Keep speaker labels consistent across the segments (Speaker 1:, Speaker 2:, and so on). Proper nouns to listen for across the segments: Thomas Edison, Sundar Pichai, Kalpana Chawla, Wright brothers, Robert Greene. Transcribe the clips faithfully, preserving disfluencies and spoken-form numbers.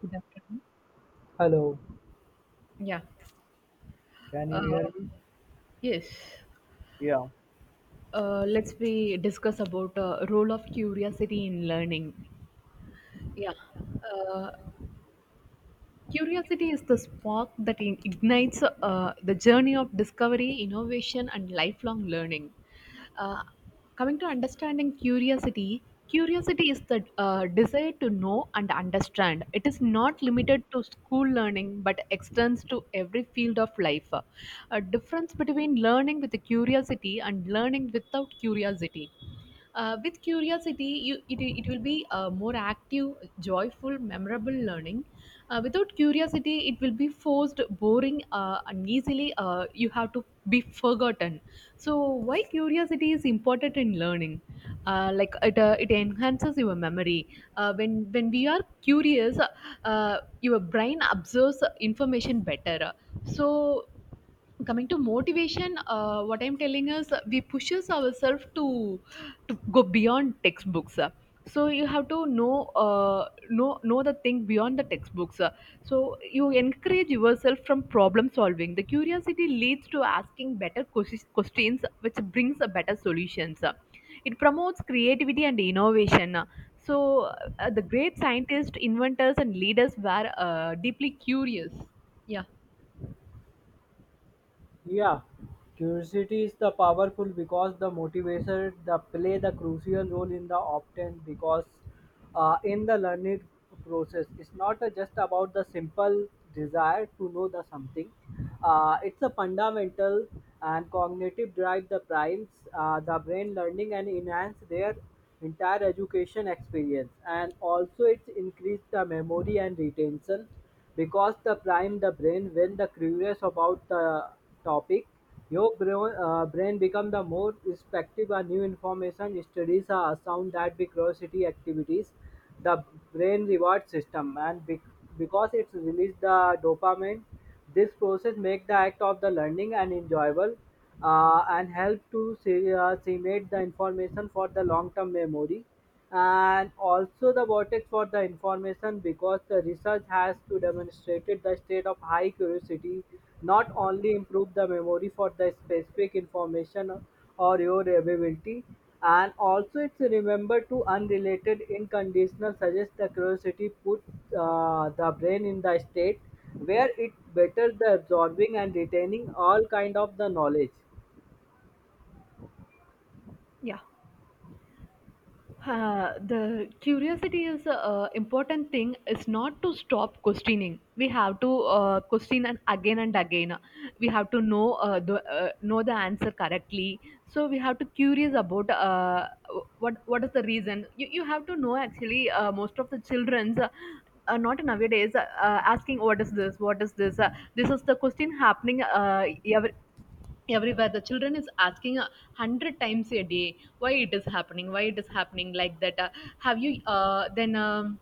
Speaker 1: Good afternoon.
Speaker 2: Hello,
Speaker 1: Yeah.
Speaker 2: can you hear
Speaker 1: Uh,
Speaker 2: me?
Speaker 1: yes.
Speaker 2: Yeah,
Speaker 1: Uh, let's we discuss about uh, role of curiosity in learning. Yeah. Uh, Curiosity is the spark that in- ignites uh, the journey of discovery, innovation, and lifelong learning. Uh, Coming to understanding curiosity, curiosity is the uh, desire to know and understand. It is not limited to school learning but extends to every field of life. A difference between learning with curiosity and learning without curiosity. Uh, with curiosity, you, it, it will be a more active, joyful, memorable learning. Uh, without curiosity, it will be forced, boring, uh, and easily uh, you have to be forgotten. So, why curiosity is important in learning? Uh, like it, uh, it enhances your memory. Uh, when when we are curious, uh, your brain absorbs information better. So coming to motivation, uh, what I'm telling is, uh, we pushes ourselves to to go beyond textbooks. Uh, so you have to know, uh, know know the thing beyond the textbooks. Uh, so you encourage yourself from problem solving. The curiosity leads to asking better ques- questions, which brings a better solutions. Uh, it promotes creativity and innovation. Uh, so uh, the great scientists, inventors, and leaders were uh, deeply curious. Yeah.
Speaker 2: Yeah, curiosity is the powerful because the motivator the play the crucial role in the obtain because uh, in the learning process it's not uh, just about the simple desire to know the something. Uh, it's a fundamental and cognitive drive the primes uh, the brain learning and enhance their entire education experience, and also it's increase the memory and retention because the prime the brain when the curious about the topic, your brain, uh, brain become the more respective a new information studies are sound that the curiosity activities, the brain reward system, and bec- because it's release the dopamine, this process make the act of the learning and enjoyable, uh, and help to se- uh, cement the information for the long-term memory, and also the vortex for the information because the research has to demonstrated the state of high curiosity not only improve the memory for the specific information or your ability, and also it's remember to unrelated unconditional suggest the curiosity put uh, the brain in the state where it better the absorbing and retaining all kind of the knowledge.
Speaker 1: Yeah. Uh, the curiosity is an important thing is not to stop questioning. We have to, uh, question and again and again, we have to know, uh, the uh, know the answer correctly. So we have to curious about, uh, what what is the reason. You, you have to know. Actually, uh, most of the children's, uh, uh, not nowadays, uh, asking what is this, what is this, uh, this is the question happening uh, ev- everywhere. The children is asking a hundred times a day why it is happening, why it is happening like that. Uh, have you uh, then um,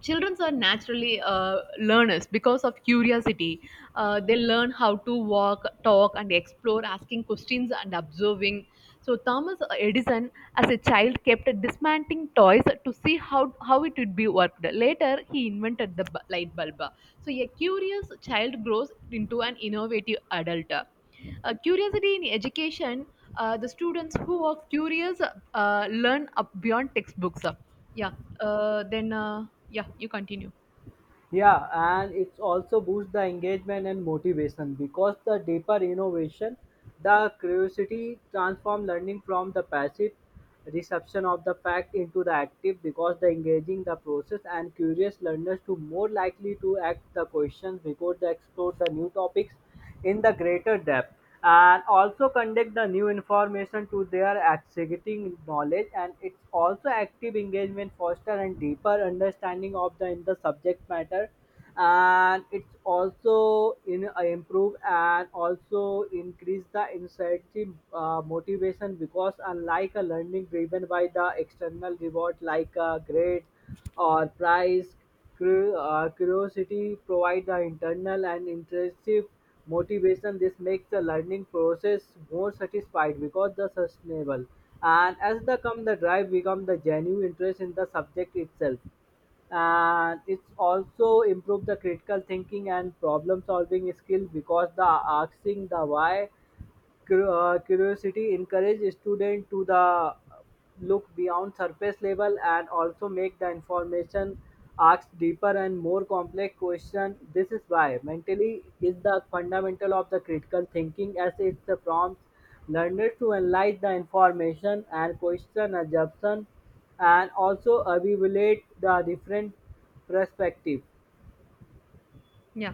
Speaker 1: Children are naturally uh, learners because of curiosity. Uh, they learn how to walk, talk, and explore, asking questions and observing. So Thomas Edison, as a child, kept dismantling toys to see how, how it would be worked. Later, he invented the bu- light bulb. So a curious child grows into an innovative adult. Uh, curiosity in education, uh, the students who are curious uh, learn up beyond textbooks. Yeah. Uh, then, uh, yeah, you continue.
Speaker 2: Yeah, and it's also boost the engagement and motivation because the deeper innovation the curiosity transform learning from the passive reception of the fact into the active because the engaging the process, and curious learners to more likely to act the questions because they explore the new topics in the greater depth, and also connect the new information to their existing knowledge, and it's also active engagement foster and deeper understanding of the in the subject matter, and it's also in uh, improve and also increase the incentive uh, motivation because unlike a learning driven by the external reward like a grade or prize. Cur- uh, Curiosity provides the internal and intrinsic motivation. This makes the learning process more satisfied because the sustainable. And as the come the drive become the genuine interest in the subject itself. And it's also improve the critical thinking and problem solving skill because the asking the why. Cur- uh, Curiosity encourages students to the look beyond surface level, and also make the information ask deeper and more complex question. This is why mentally is the fundamental of the critical thinking as it prompts learners to analyze the information and question assumption, and also evaluate the different perspective.
Speaker 1: Yeah.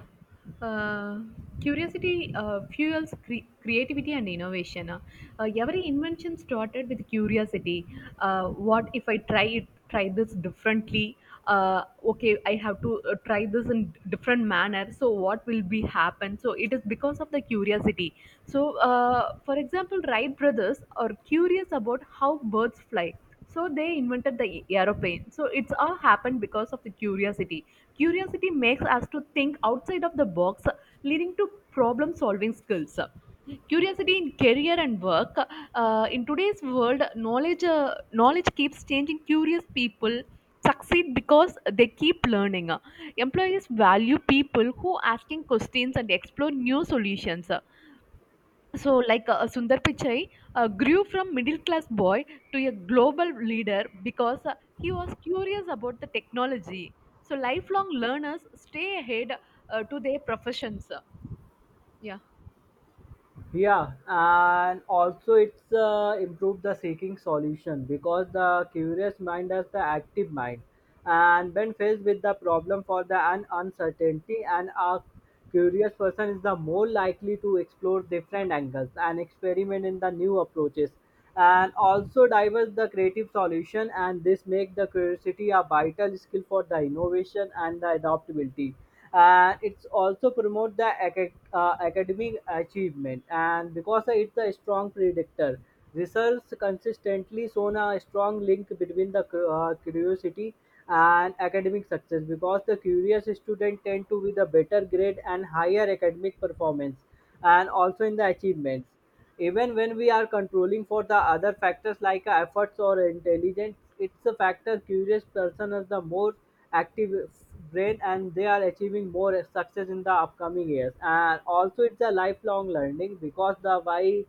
Speaker 1: Uh, curiosity uh, Fuels cre- creativity and innovation. Uh, uh, every invention started with curiosity. Uh, what if I try it? Try this differently. Uh, okay, I have to uh, try this in different manner. So what will be happen? So it is because of the curiosity. So, uh, for example, Wright brothers are curious about how birds fly. So they invented the aeroplane. So it's all happened because of the curiosity. Curiosity makes us to think outside of the box, leading to problem solving skills. Curiosity in career and work. Uh, in today's world, knowledge uh, knowledge keeps changing. Curious people succeed because they keep learning. Employees value people who asking questions and explore new solutions. So, like uh, Sundar Pichai uh, grew from middle class boy to a global leader because uh, he was curious about the technology. So, lifelong learners stay ahead uh, to their professions. uh, Yeah.
Speaker 2: Yeah, and also it's uh, improved the seeking solution because the curious mind is the active mind, and when faced with the problem for the an uncertainty, and a curious person is the more likely to explore different angles and experiment in the new approaches, and also diverse the creative solution, and this make the curiosity a vital skill for the innovation and the adaptability, and it's also promote the aca- uh, academic achievement, and because it's a strong predictor research consistently shown a strong link between the cu- uh, curiosity and academic success because the curious student tend to be the better grade and higher academic performance, and also in the achievements, even when we are controlling for the other factors like uh, efforts or intelligence, it's a factor curious person is the more active brain and they are achieving more success in the upcoming years. And also it's a lifelong learning because the why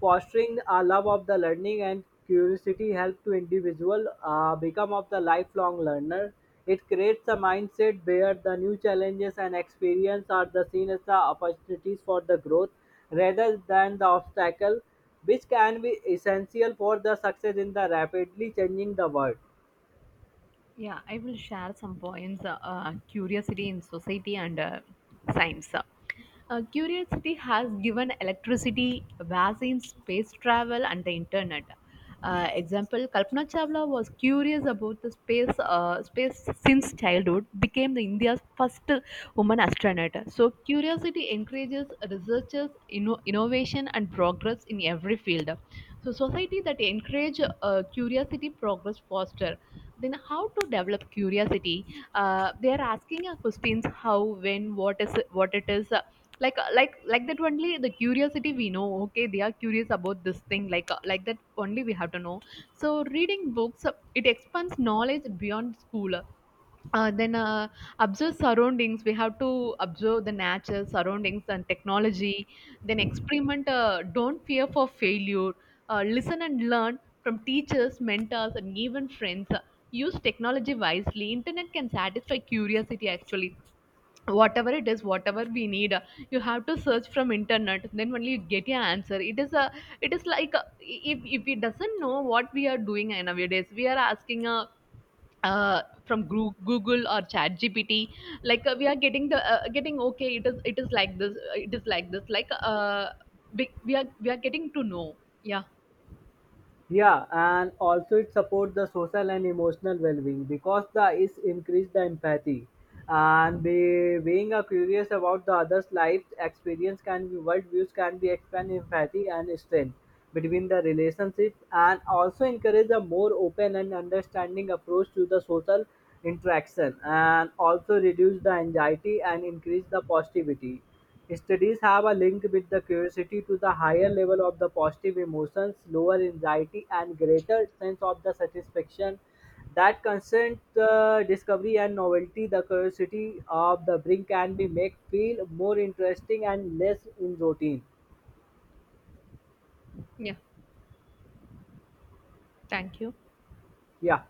Speaker 2: fostering a love of the learning and curiosity help to individual uh, become of the lifelong learner. It creates a mindset where the new challenges and experience are the seen as the opportunities for the growth rather than the obstacle, which can be essential for the success in the rapidly changing the world.
Speaker 1: Yeah, I will share some points. Uh, uh, curiosity in society and uh, science. Uh, curiosity has given electricity, vaccines, space travel, and the internet. Uh, example: Kalpana Chawla was curious about the space uh, space since childhood. Became the India's first woman astronaut. So curiosity encourages researchers, inno- innovation, and progress in every field. So society that encourage uh, curiosity progress faster. Then how to develop curiosity? Uh, they are asking, uh, questions how, when, what is, what it is, uh, like uh, like like that only the curiosity we know, okay, they are curious about this thing, like uh, like that only we have to know. So reading books, uh, it expands knowledge beyond school. Uh, then uh, Observe surroundings. We have to observe the nature, surroundings, and technology. Then experiment, uh, don't fear for failure. Uh, listen and learn from teachers, mentors, and even friends. Uh, use technology wisely. Internet can satisfy curiosity actually. Whatever it is, whatever we need, uh, you have to search from internet, then only you get your answer. It is a, it is like a, if if we doesn't know what we are doing nowadays, we are asking a, uh, from Gru- google or chat G P T. Like uh, we are getting the, uh, getting okay it is, it is like this, uh, it is like this, like uh we, we are, we are getting to know. Yeah.
Speaker 2: Yeah, and also it supports the social and emotional well-being because the is increase the empathy and be, being a curious about the other's life experience can be world views can be expand empathy and strength between the relationship, and also encourage a more open and understanding approach to the social interaction, and also reduce the anxiety and increase the positivity. Studies have a link with the curiosity to the higher level of the positive emotions, lower anxiety, and greater sense of the satisfaction that constant uh, discovery and novelty. The curiosity of the brain can be make feel more interesting and less in routine.
Speaker 1: Yeah, thank you.
Speaker 2: Yeah.